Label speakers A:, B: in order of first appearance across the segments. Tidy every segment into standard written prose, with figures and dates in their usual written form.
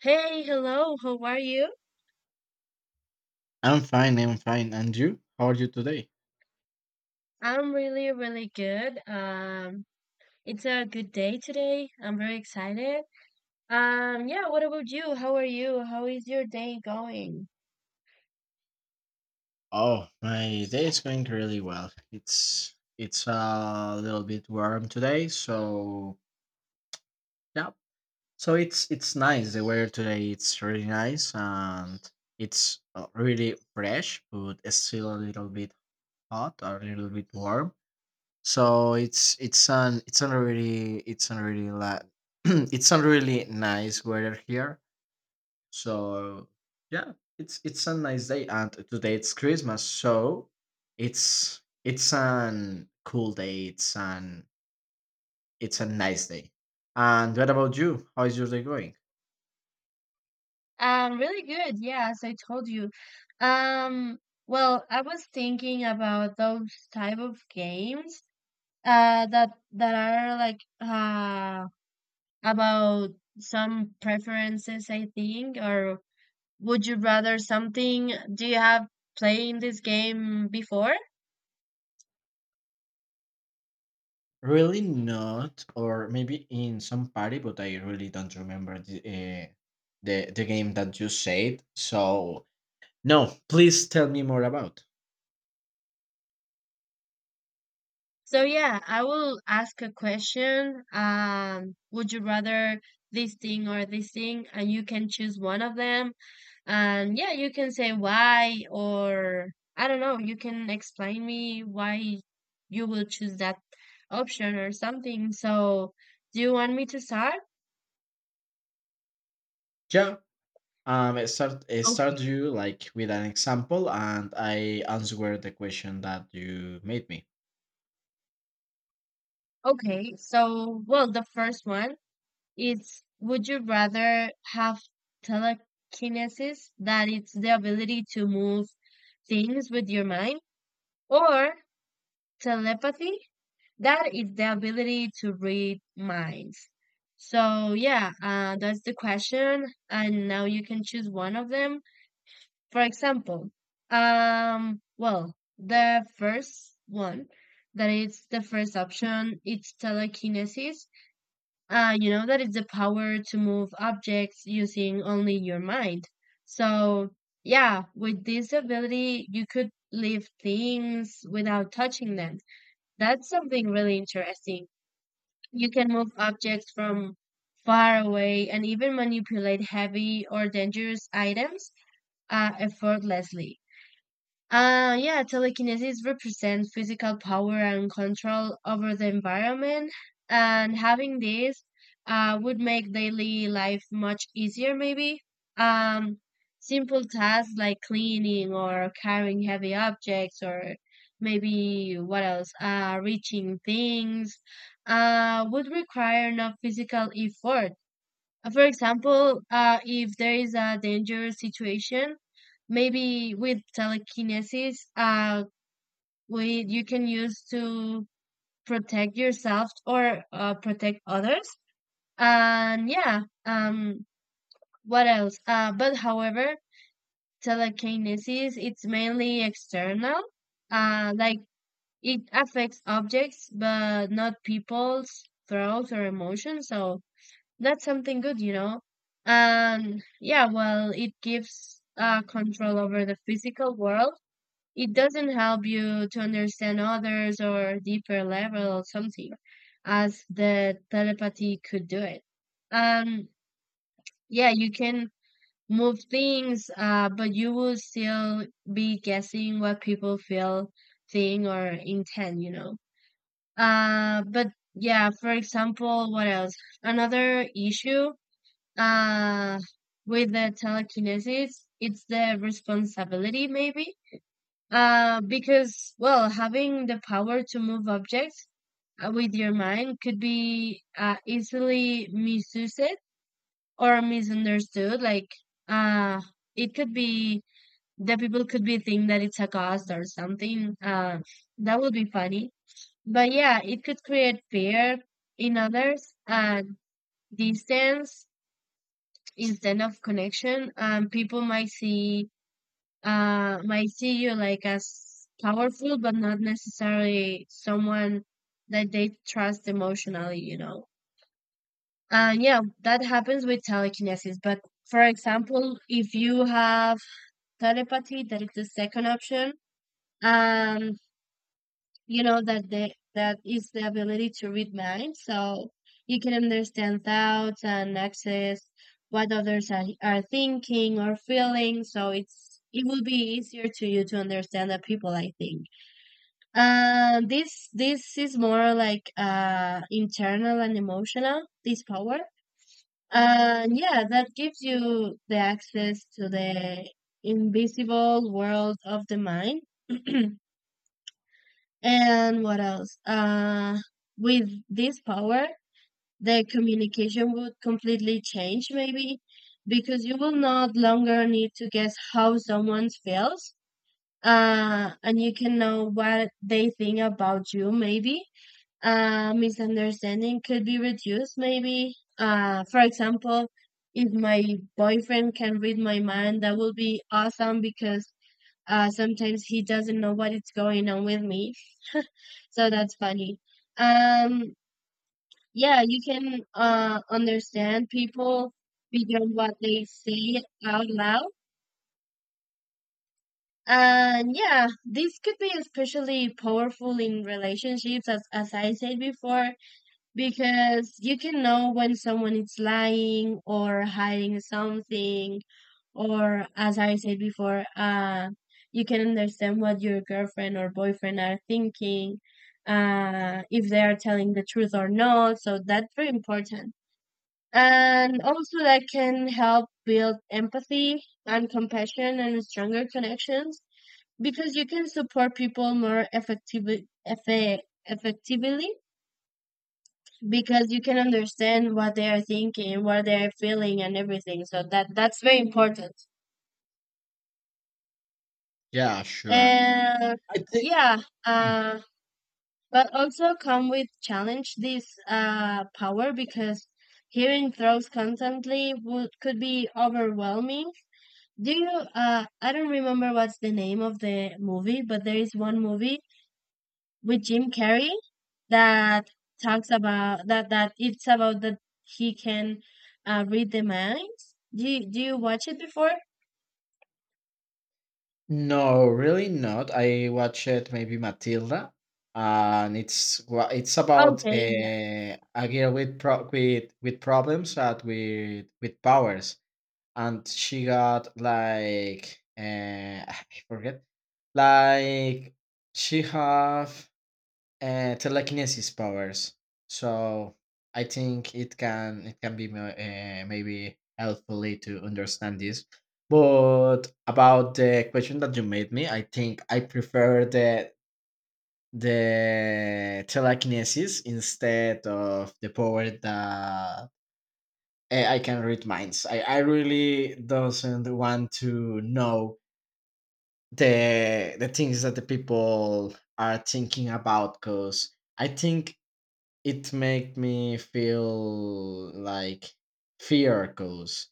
A: Hey, hello, how are you?
B: I'm fine, I'm fine. And you? How are you today?
A: I'm really, really good. It's a good day today. I'm very excited. Yeah, what about you? How are you? How is your day going?
B: Oh, my day is going really well. It's a little bit warm today, so yeah. So it's nice. The weather today it's really nice and it's really fresh, but it's still a little bit hot, a little bit warm. So it's a really la- it's a really nice weather here. So yeah, it's a nice day, and today it's Christmas, so it's an cool day. It's an it's a nice day. And what about you? How is your day going?
A: Really good. Yeah, as I told you. Um, well, I was thinking about those type of games that are like about some preferences, I think, or would you rather something? Do you have playing this game before?
B: Really not, or maybe in some party, but I really don't remember the the game that you said. So no, please tell me more about.
A: So yeah, I will ask a question. Would you rather this thing or this thing? And you can choose one of them. And yeah, you can say why or I don't know, you can explain me why you will choose that option or something. So do you want me to start?
B: Yeah. I start I
A: Okay. Okay.
B: start you like with an example, and I answer the question that you made me.
A: Okay, so well, the first one. It's would you rather have telekinesis, that it's the ability to move things with your mind, or telepathy, that is the ability to read minds. So yeah, that's the question, and now you can choose one of them. For example, well, the first one, that it's the first option, it's telekinesis you know, that is the power to move objects using only your mind. So, yeah, with this ability, you could lift things without touching them. That's something really interesting. You can move objects from far away and even manipulate heavy or dangerous items effortlessly. Yeah, telekinesis represents physical power and control over the environment, and having this would make daily life much easier, maybe. Um, Simple tasks like cleaning or carrying heavy objects, or maybe what else, reaching things, would require no physical effort. For example, if there is a dangerous situation, maybe with telekinesis, we you can use to protect yourself or protect others. And yeah, what else? But however, telekinesis it's mainly external. Like it affects objects, but not people's thoughts or emotions. So that's something good, you know. Yeah, well, it gives control over the physical world. It doesn't help you to understand others or deeper level or something, as the telepathy could do it. Um, yeah, you can move things, but you will still be guessing what people feel, think, or intend, you know. But Yeah, for example, what else? Another issue uh with the telekinesis it's the responsibility maybe because well having the power to move objects with your mind could be easily misused or misunderstood like uh it could be the people could be think that it's a ghost or something, that would be funny, but yeah it could create fear in others, distance instead of connection. People might see, might see you like as powerful but not necessarily someone that they trust emotionally, you know. And yeah, that happens with telekinesis, but for example, if you have telepathy, that is the second option, um you know that is the ability to read minds. So you can understand thoughts and access what others are thinking or feeling, so it's it will be easier to you to understand the people, I think. This is more like internal and emotional, this power, and yeah that gives you the access to the invisible world of the mind. And what else? With this power, the communication would completely change, maybe, because you will not longer need to guess how someone feels. And you can know what they think about you, maybe. Misunderstanding could be reduced, maybe. For example, if my boyfriend can read my mind, that would be awesome because sometimes he doesn't know what is going on with me, so that's funny. Um, yeah, you can understand people beyond what they say out loud. And yeah, this could be especially powerful in relationships, as I said before, because you can know when someone is lying or hiding something, or as I said before, you can understand what your girlfriend or boyfriend are thinking, if they are telling the truth or not. So that's very important. And also, that can help build empathy and compassion and stronger connections because you can support people more effectively, because you can understand what they are thinking, what they are feeling, and everything. So that's very important.
B: Yeah, sure.
A: And
B: I think
A: yeah, uh, but also come with challenge this power, because hearing throws constantly would could be overwhelming. Do you, I don't remember what's the name of the movie, but there is one movie with Jim Carrey that talks about that, that it's about that he can read the minds. Do you watch it before?
B: no, really not. I watched it maybe Matilda, and it's about
A: Okay,
B: a girl with with problems and with powers, and she got like I forget, like she have telekinesis powers. So I think it can be maybe helpfully to understand this. But about the question that you made me, I think I prefer the telekinesis instead of the power that I can read minds. I really doesn't want to know the things that the people are thinking about because I think it make me feel like fear goes.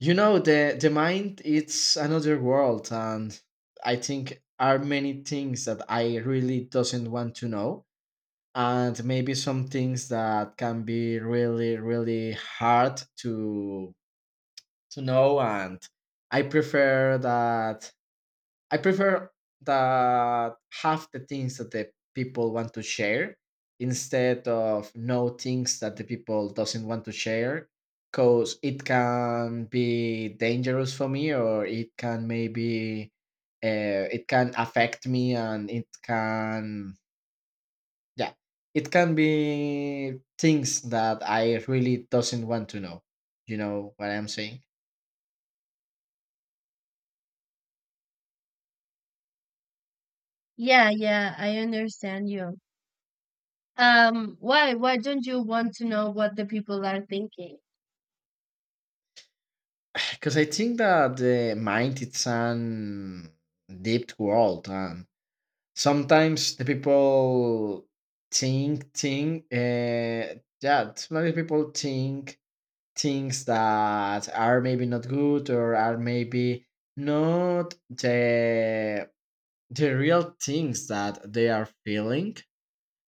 B: You know, the mind it's another world, and I think are many things that I really doesn't want to know, and maybe some things that can be really really hard to know. And i prefer that I prefer that half the things that the people want to share instead of no things that the people doesn't want to share, because it can be dangerous for me, or it can maybe it can affect me, and it can, yeah, it can be things that I really doesn't want to know. You know what I'm saying?
A: yeah Yeah, I understand you. Why? Why don't you want to know what the people are thinking?
B: Because I think that the mind it's an deep world, and sometimes the people sometimes people think things that are maybe not good, or are maybe not the the real things that they are feeling.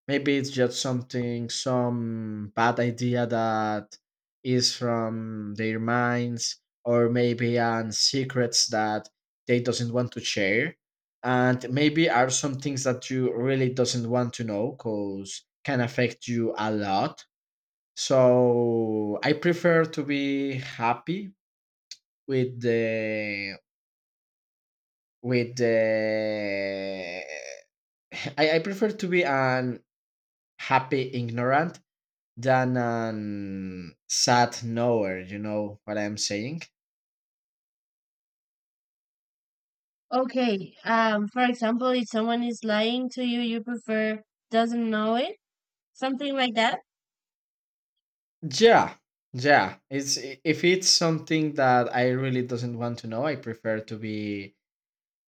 B: Maybe it's just something, some bad idea that is from their minds, or maybe on secrets that they doesn't want to share. And maybe are some things that you really doesn't want to know because can affect you a lot. So I prefer to be happy with the with the I prefer to be an happy ignorant than an sad nowhere. You know what I'm saying?
A: Okay. For example, if someone is lying to you, you prefer doesn't know it, something like that.
B: Yeah, yeah. It's if it's something that I really doesn't want to know, I prefer to be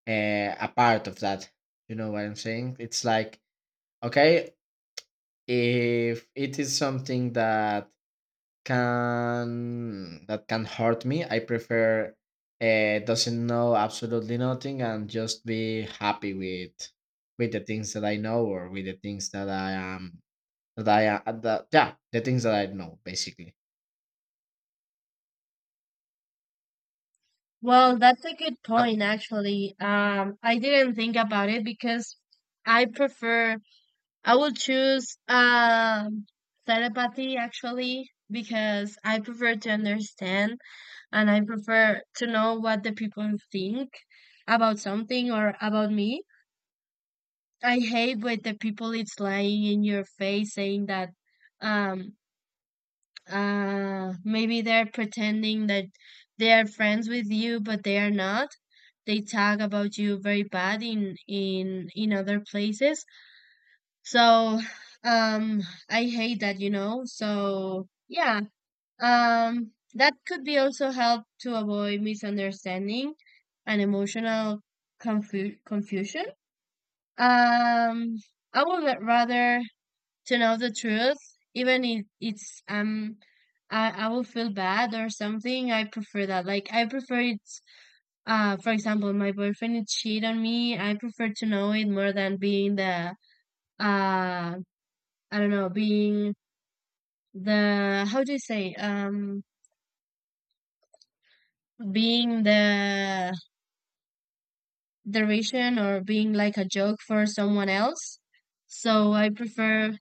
B: a part of that. You know what I'm saying? It's like okay, if it is something that can hurt me, I prefer doesn't know absolutely nothing and just be happy with the things that I know, or with the things that I am that I that yeah the things that I know basically.
A: Well, that's a good
B: Uh,
A: point, actually. I didn't think about it because I prefer, I will choose telepathy actually, because I prefer to understand, and I prefer to know what the people think about something or about me. I hate when the people it's lying in your face saying that um maybe they're pretending that they are friends with you but they are not. They talk about you very bad in in other places. So um I hate that, you know. So yeah, that could be also help to avoid misunderstanding and emotional confusion. Um I would rather to know the truth, even if it's I will feel bad or something, I prefer that. Like I prefer it. For example, my boyfriend is cheat on me, I prefer to know it more than being the uh I don't know, being the how do you say being the derision or being like a joke for someone else. So I prefer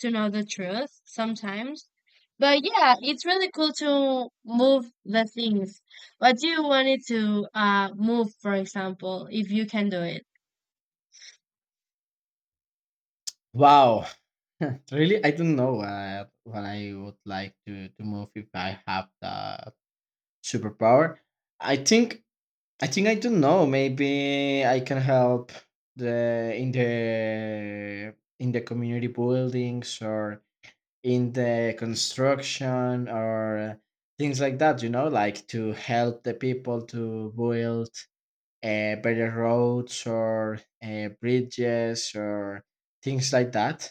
A: to know the truth sometimes. But yeah, it's really cool to move the things. What do you want it to move, for example, if you can do it?
B: wow, really I don't know what I would like to move if I have the superpower. I think I think I don't know. Maybe I can help the in the in the community buildings, or in the construction, or things like that. You know, like to help the people to build better roads, or bridges, or things like that.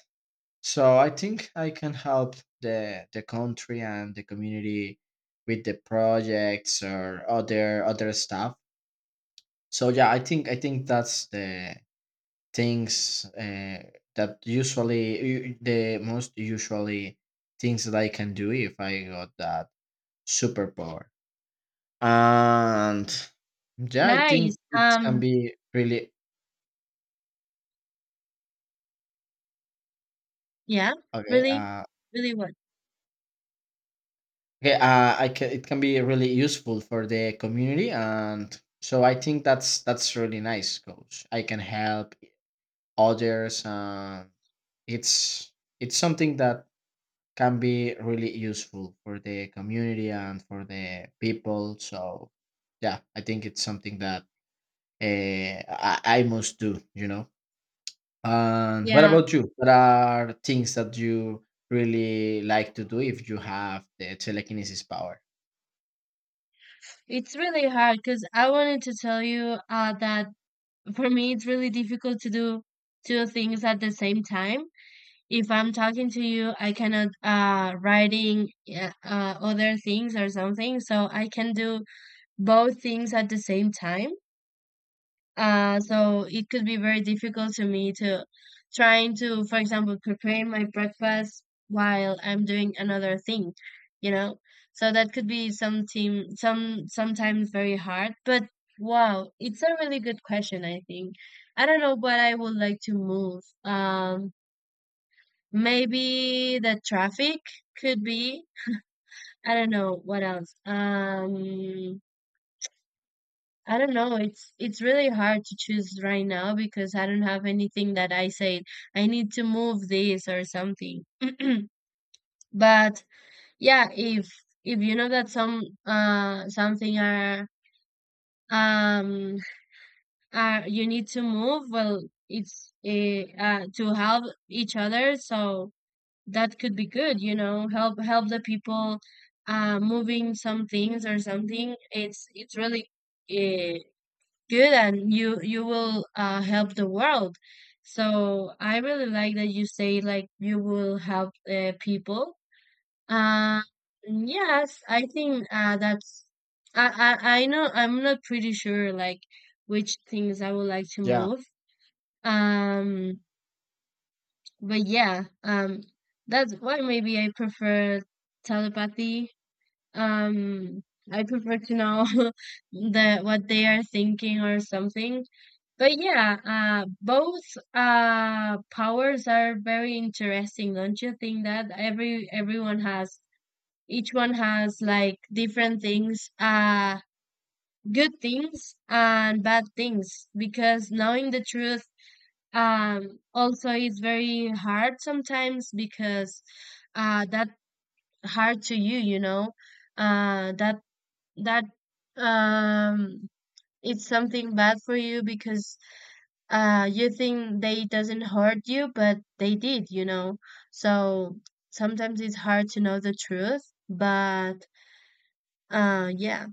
B: So I think I can help the country and the community with the projects or other other stuff. So yeah, I think that's the things that the most usually things that I can do if I got that superpower. And yeah, I think
A: Nice.
B: it
A: Um,
B: can be really
A: yeah,
B: okay.
A: really, really what?
B: Okay, I can, it can be really useful for the community, and so I think that's really nice, coach. I can help others, and it's it's something that can be really useful for the community and for the people. So, yeah, I think it's something that uh, I must do, you know. And what
A: Yeah,
B: about you? What are things that you really like to do if you have the telekinesis power?
A: it's really hard because I wanted to tell you that for me it's really difficult to do two things at the same time. If I'm talking to you, I cannot writing other things or something, so I can do both things at the same time. So it could be very difficult to me to trying to, for example, prepare my breakfast while I'm doing another thing, you know. So that could be something sometimes very hard, but wow, it's a really good question, I think. I don't know what I would like to move. Maybe the traffic could be. I don't know what else. I don't know. It's really hard to choose right now because I don't have anything that I say I need to move this or something. But yeah, if you know that some something um are you need to move, well, it's to help each other. So that could be good, you know, help the people moving some things or something. It's really uh, good, and you will help the world. So I really like that you say like you will help people. uh yes, I think that's I know I'm not pretty sure like which things I would like to
B: Yeah.
A: move. um but yeah, that's why maybe I prefer telepathy. Um, I prefer to know that what they are thinking or something. But yeah, both powers are very interesting. Don't you think that everyone has each one has like different things, good things and bad things, because knowing the truth, also, it's very hard sometimes because that hard to you, you know, that that um, it's something bad for you, because you think they doesn't hurt you, but they did, you know. So sometimes it's hard to know the truth, but yeah,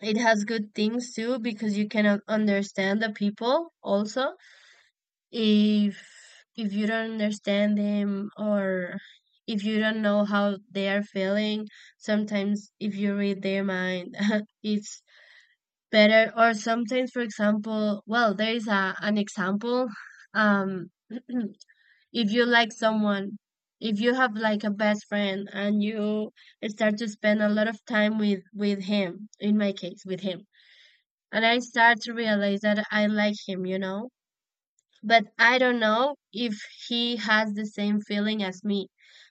A: it has good things too, because you cannot understand the people also if you don't understand them, or if you don't know how they are feeling sometimes. If you read their mind it's better. Or sometimes, for example, well, there is a, an example um if you like someone, if you have like a best friend and you start to spend a lot of time with him, in my case with him, and I start to realize that I like him, you know, but I don't know if he has the same feeling as me.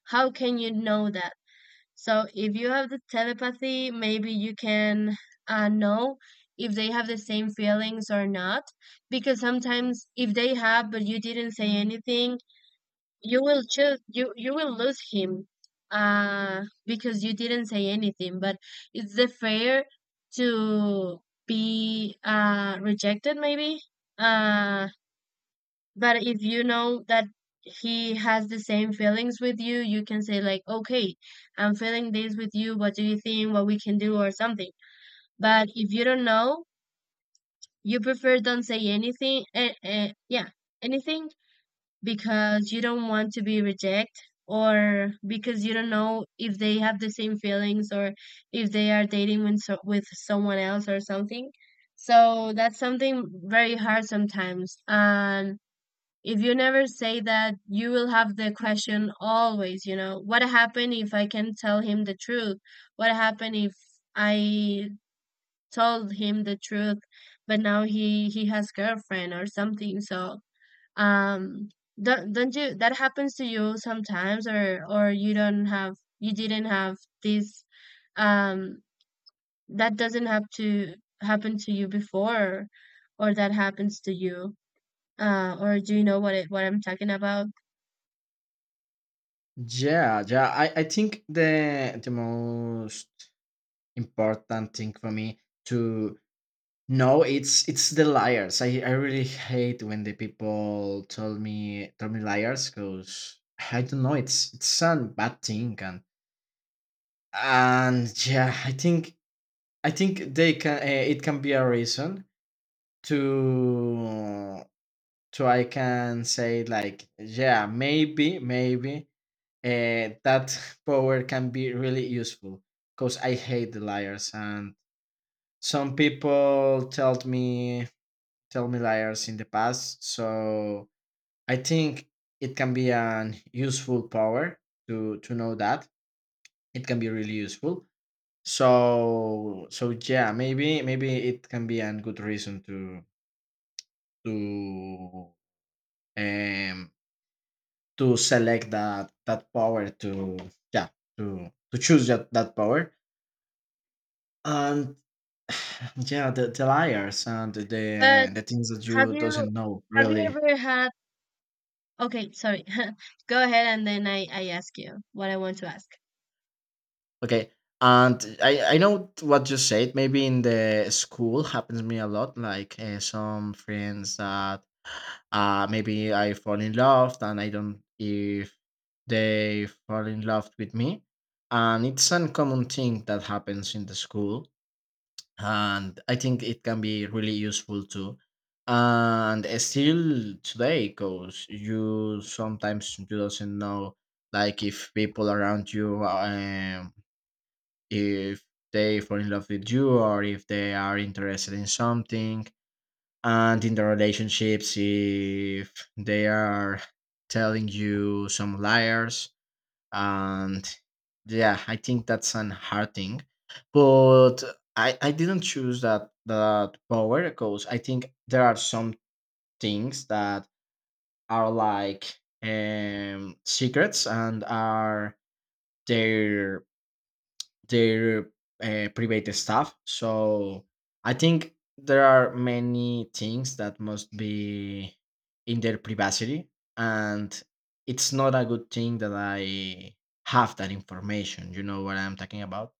A: How can you know that? So if you have the telepathy, maybe you can know if they have the same feelings or not. Because sometimes if they have, but you didn't say anything, you will lose him because you didn't say anything, but is the fair to be rejected maybe. uh but if you know that he has the same feelings with you, you can say like, okay, I'm feeling this with you, what do you think, what we can do or something. But if you don't know, you prefer don't say anything, yeah, anything, because you don't want to be reject, or because you don't know if they have the same feelings, or if they are dating with with someone else or something. So that's something very hard sometimes. And if you never say that, you will have the question always, what happened if I can tell him the truth? What happened if I told him the truth, but now he has girlfriend or something? Um, don't you that happens to you sometimes? Or you don't have you didn't have this um that doesn't have to happen to you before, or that happens to you? Or do you know what I'm talking about?
B: Yeah, yeah. I think the most important thing for me to know it's the liars. I really hate when the people tell me liars because I don't know, it's a bad thing. And yeah, I think they can it can be a reason to to I can say like yeah, maybe maybe that power can be really useful, because I hate the liars, and some people told me tell me liars in the past. So I think it can be an useful power to know that. It can be really useful. So so yeah, maybe maybe it can be a good reason to um to select that that power to yeah to choose that that power. And yeah, the liars, and
A: But
B: the things that
A: have
B: you
A: you
B: doesn't know
A: have you
B: really.
A: ever had, okay, sorry. Go ahead and then I ask you what I want to ask.
B: Okay, and I know what you said. Maybe in the school happens to me a lot. Like some friends that maybe I fall in love and I don't if they fall in love with me, and it's uncommon thing that happens in the school. And I think it can be really useful too. And still today, because you sometimes you doesn't know, like if people around you, if they fall in love with you, or if they are interested in something, and in the relationships, if they are telling you some liars. And yeah, I think that's an hard thing. But I didn't choose that that power because I think there are some things that are like secrets, and are their their private stuff. So I think there are many things that must be in their privacy, and it's not a good thing that I have that information. You know what I'm talking about?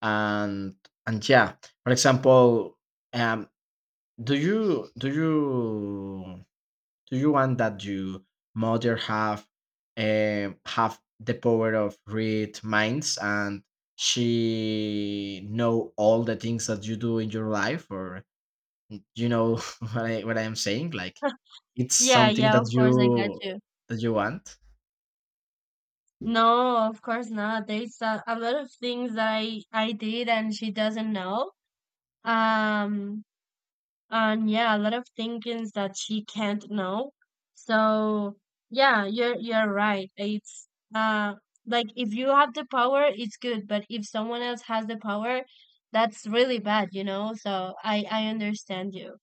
B: And and yeah, for example, um, do you do you do you want that your mother have the power of read minds, and she know all the things that you do in your life? Or you know what I what I'm saying, like it's
A: Yeah,
B: something
A: yeah,
B: that
A: of course I got
B: you
A: you.
B: want.
A: No, of course not. There's a lot of things that I did and she doesn't know. Um, And yeah, a lot of thinkings that she can't know. So yeah, you're right. It's uh like if you have the power, it's good, but if someone else has the power, that's really bad, you know? So I understand you.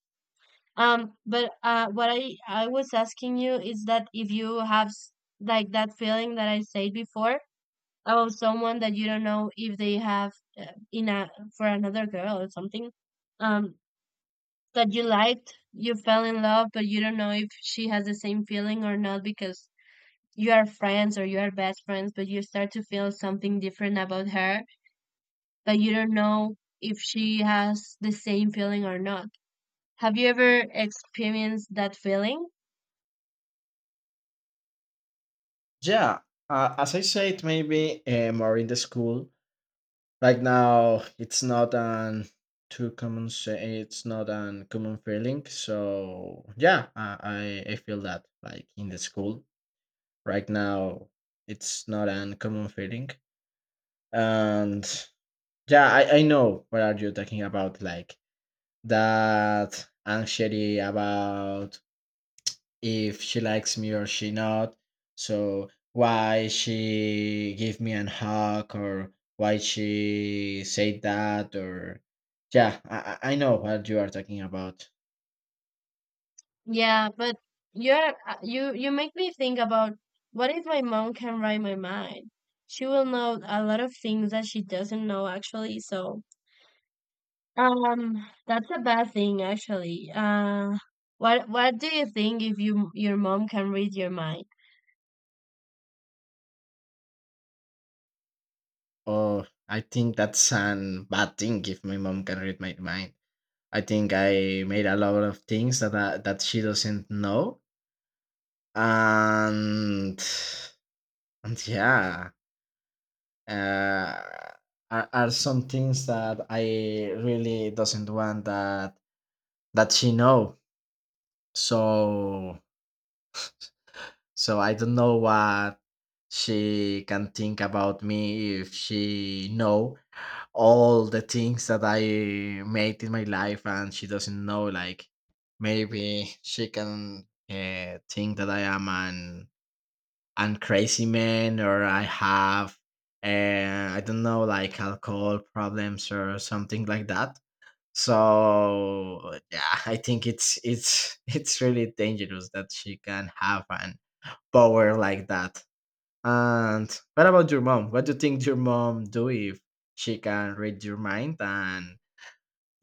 A: But what I was asking you is that if you have like that feeling that I said before about someone that you don't know if they have, in a, for another girl or something. Um, that you liked, you fell in love, but you don't know if she has the same feeling or not, because you are friends or you are best friends, but you start to feel something different about her, but you don't know if she has the same feeling or not. Have you ever experienced that feeling?
B: Yeah, as I said, maybe more in the school. Right now, it's not an too common. Say, it's not an common feeling. So yeah, I feel that like in the school. Right now, it's not an common feeling. And yeah, I know what are you talking about, like that anxiety about if she likes me or she not, so why she give me an hug, or why she say that, or yeah, I know what you are talking about.
A: Yeah, but you're you you make me think about, what if my mom can read my mind? She will know a lot of things that she doesn't know actually. So um, that's a bad thing, actually. What do you think if you your mom can read your mind?
B: Oh, I think that's an bad thing if my mom can read my mind. I think I made a lot of things that that she doesn't know. and and yeah, uh, are some things that I really doesn't want that that she know. So so I don't know what she can think about me if she know all the things that I made in my life and she doesn't know, like maybe she can think that I am an crazy man, or I have I don't know, like alcohol problems or something like that. So yeah, I think it's it's really dangerous that she can have an power like that. And what about your mom? What do you think your mom do if she can read your mind and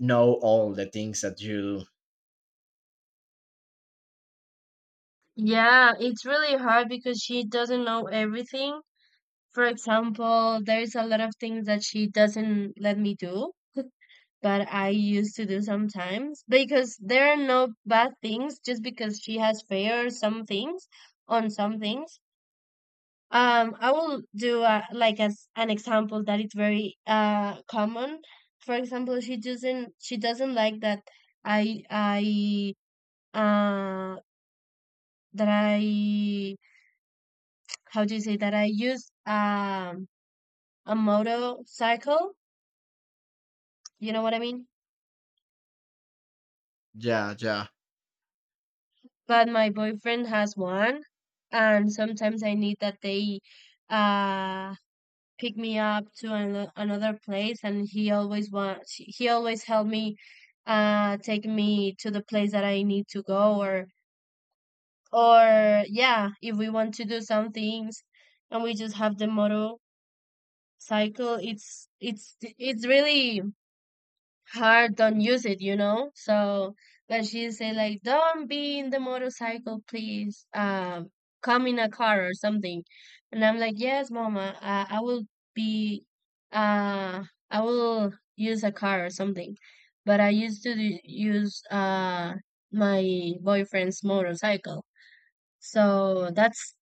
B: know all the things that you do?
A: Yeah, it's really hard because she doesn't know everything. For example, there's a lot of things that she doesn't let me do, but I used to do sometimes because there are no bad things, just because she has fear or some things on some things. I will do like as an example that it's very common. For example, she doesn't like that I uh that I, how do you say, that I use a motorcycle. You know what I mean?
B: Yeah, yeah.
A: But my boyfriend has one, and sometimes I need that they uh pick me up to an, another place. And he always want he always helped me take me to the place that I need to go, or yeah, if we want to do some things, and we just have the motorcycle, it's really hard don't use it, you know. So, but she say like, "Don't be in the motorcycle, please. Come in a car or something." And I'm like, "Yes, mama. I will be. Uh, I will use a car or something." But I used to use my boyfriend's motorcycle. So that's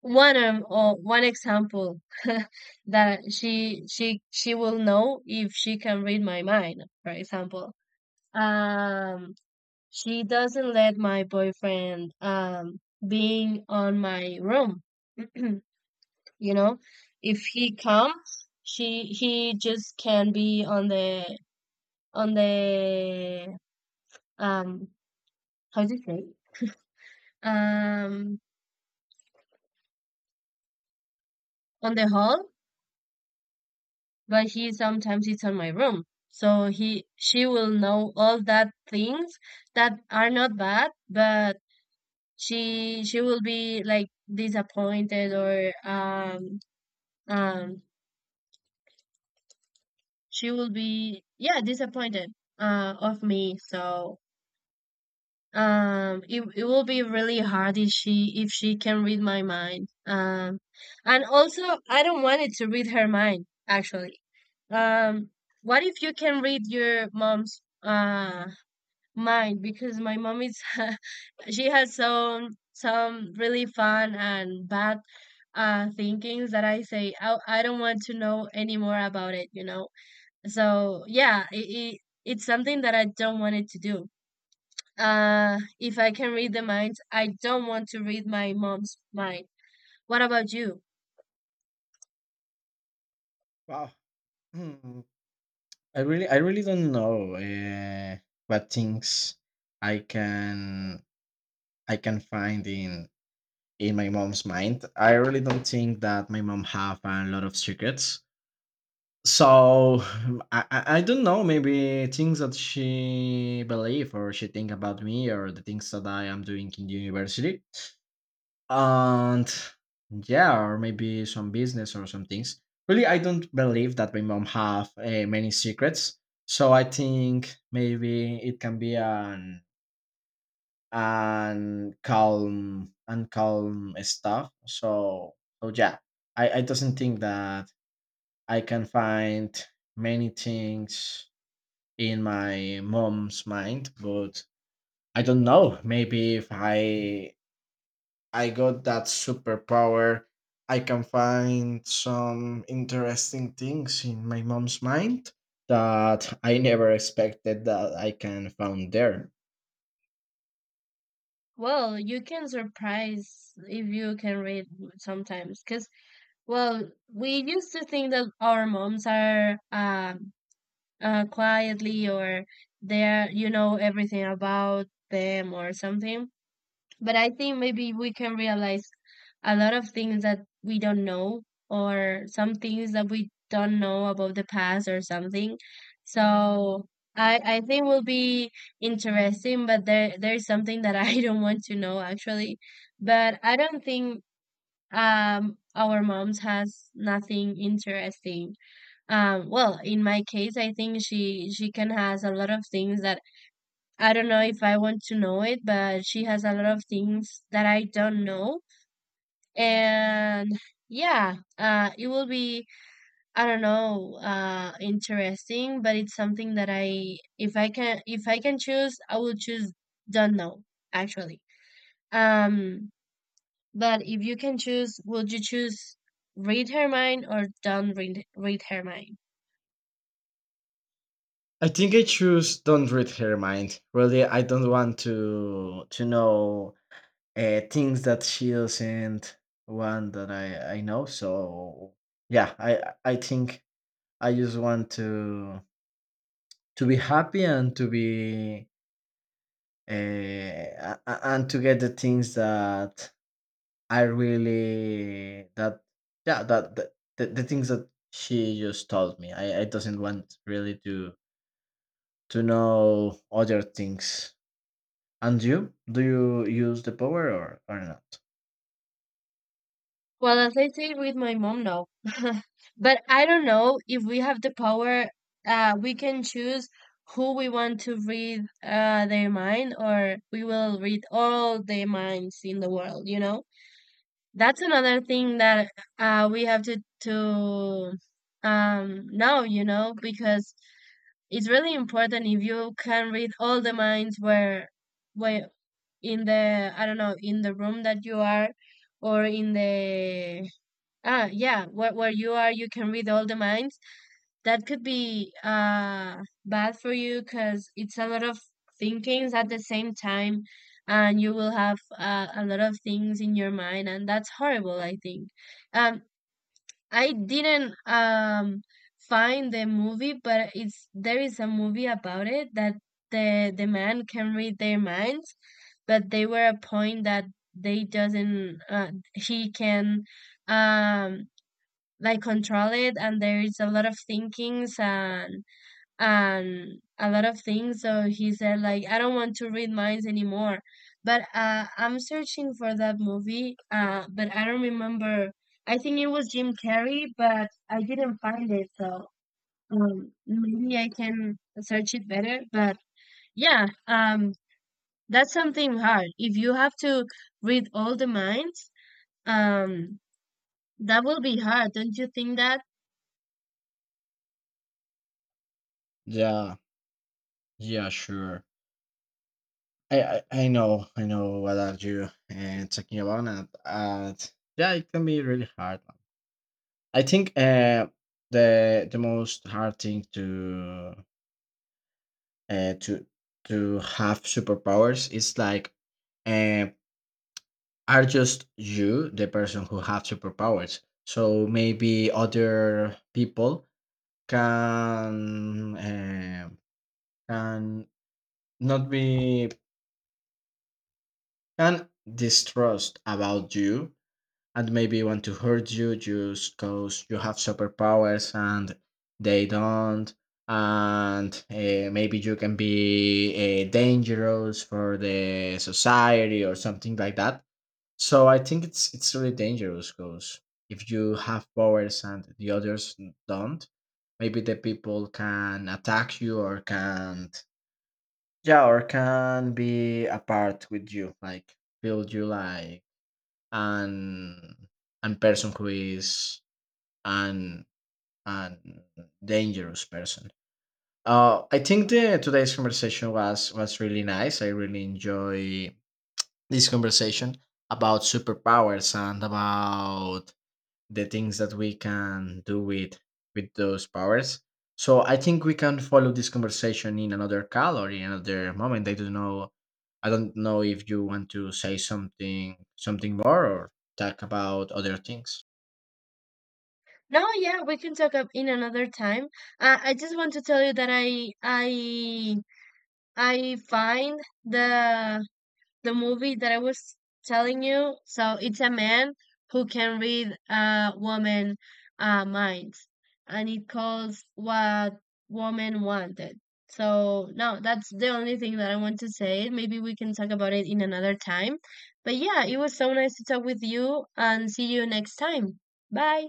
A: one or one example that she will know if she can read my mind. For example, um, she doesn't let my boyfriend being on my room. You know, if he comes, she he just can be on the um how do you say um on the hall, but he sometimes sits on my room. So he she will know all that things that are not bad, but she will be like disappointed or um she will be, yeah, disappointed of me. So it it will be really hard if she, if she can read my mind. Um, and also, I don't want it to read her mind actually. Um, what if you can read your mom's mine, because my mom is she has some really fun and bad thinkings that I say I don't want to know any more about it, you know. So yeah, it it's something that I don't want it to do. If I can read the minds, I don't want to read my mom's mind. What about you?
B: Wow. Hmm. I really don't know what things I can I can find in my mom's mind. I really don't think that my mom have a lot of secrets. So I don't know. Maybe things that she believe or she think about me, or the things that I am doing in the university, and yeah, or maybe some business or some things. Really, I don't believe that my mom have many secrets. So I think maybe it can be an calm and calm stuff. So so yeah, I doesn't think that I can find many things in my mom's mind, but I don't know. Maybe if I got that superpower, I can find some interesting things in my mom's mind that I never expected that I can found there.
A: Well, you can surprise if you can read sometimes, because, well, we used to think that our moms are quietly, or there, you know, everything about them or something. But I think maybe we can realize a lot of things that we don't know, or some things that we don't know about the past or something. So I think will be interesting, but there there's something that I don't want to know actually. But I don't think, our moms has nothing interesting. Um, well, in my case, I think she can has a lot of things that I don't know if I want to know it, but she has a lot of things that I don't know. And yeah, it will be, I don't know, interesting, but it's something that I, if I can, if I can choose, I will choose don't know actually. Um, but if you can choose, would you choose read her mind or don't read her mind?
B: I think I choose don't read her mind. Really, I don't want to know things that she doesn't want that I know. So yeah, I think I just want to be happy and to be and to get the things that I really that yeah that the things that she just told me. I doesn't want really to know other things. And you? Do you use the power or not?
A: Well, as I say with my mom, no. But I don't know if we have the power, we can choose who we want to read their mind, or we will read all the minds in the world, you know? That's another thing that we have to know, you know, because it's really important if you can read all the minds, where in the, I don't know, in the room that you are, or in the, ah, yeah, where you are, you can read all the minds. That could be bad for you, because it's a lot of thinkings at the same time, and you will have a lot of things in your mind, and that's horrible, I think. Um, I didn't find the movie, but it's there is a movie about it, that the man can read their minds, but they were a point that they doesn't he can um like control it, and there is a lot of thinkings and a lot of things, so he said like, I don't want to read minds anymore. But I'm searching for that movie, but I don't remember. I think it was Jim Carrey, but I didn't find it. So maybe I can search it better, but yeah, that's something hard if you have to read all the minds. Um, that will be hard, don't you think that?
B: Yeah. Yeah. Sure. I know, I know what are you talking about, and yeah, it can be really hard. I think the most hard thing to uh, to to have superpowers is like uh, are just you the person who have superpowers. So maybe other people can uh, can not be can distrust about you, and maybe want to hurt you just because you have superpowers and they don't. And maybe you can be dangerous for the society or something like that. So I think it's really dangerous, because if you have powers and the others don't, maybe the people can attack you, or can yeah, or can be apart with you, like build you like and and person who is an an dangerous person. I think the today's conversation was really nice. I really enjoy this conversation about superpowers and about the things that we can do with those powers. So I think we can follow this conversation in another call or in another moment. I don't know. I don't know if you want to say something more, or talk about other things.
A: No, yeah, we can talk up in another time. I just want to tell you that I find the movie that I was telling you. So it's a man who can read a woman minds, and it calls what woman wanted. So no, that's the only thing that I want to say. Maybe we can talk about it in another time. But yeah, it was so nice to talk with you, and see you next time. Bye.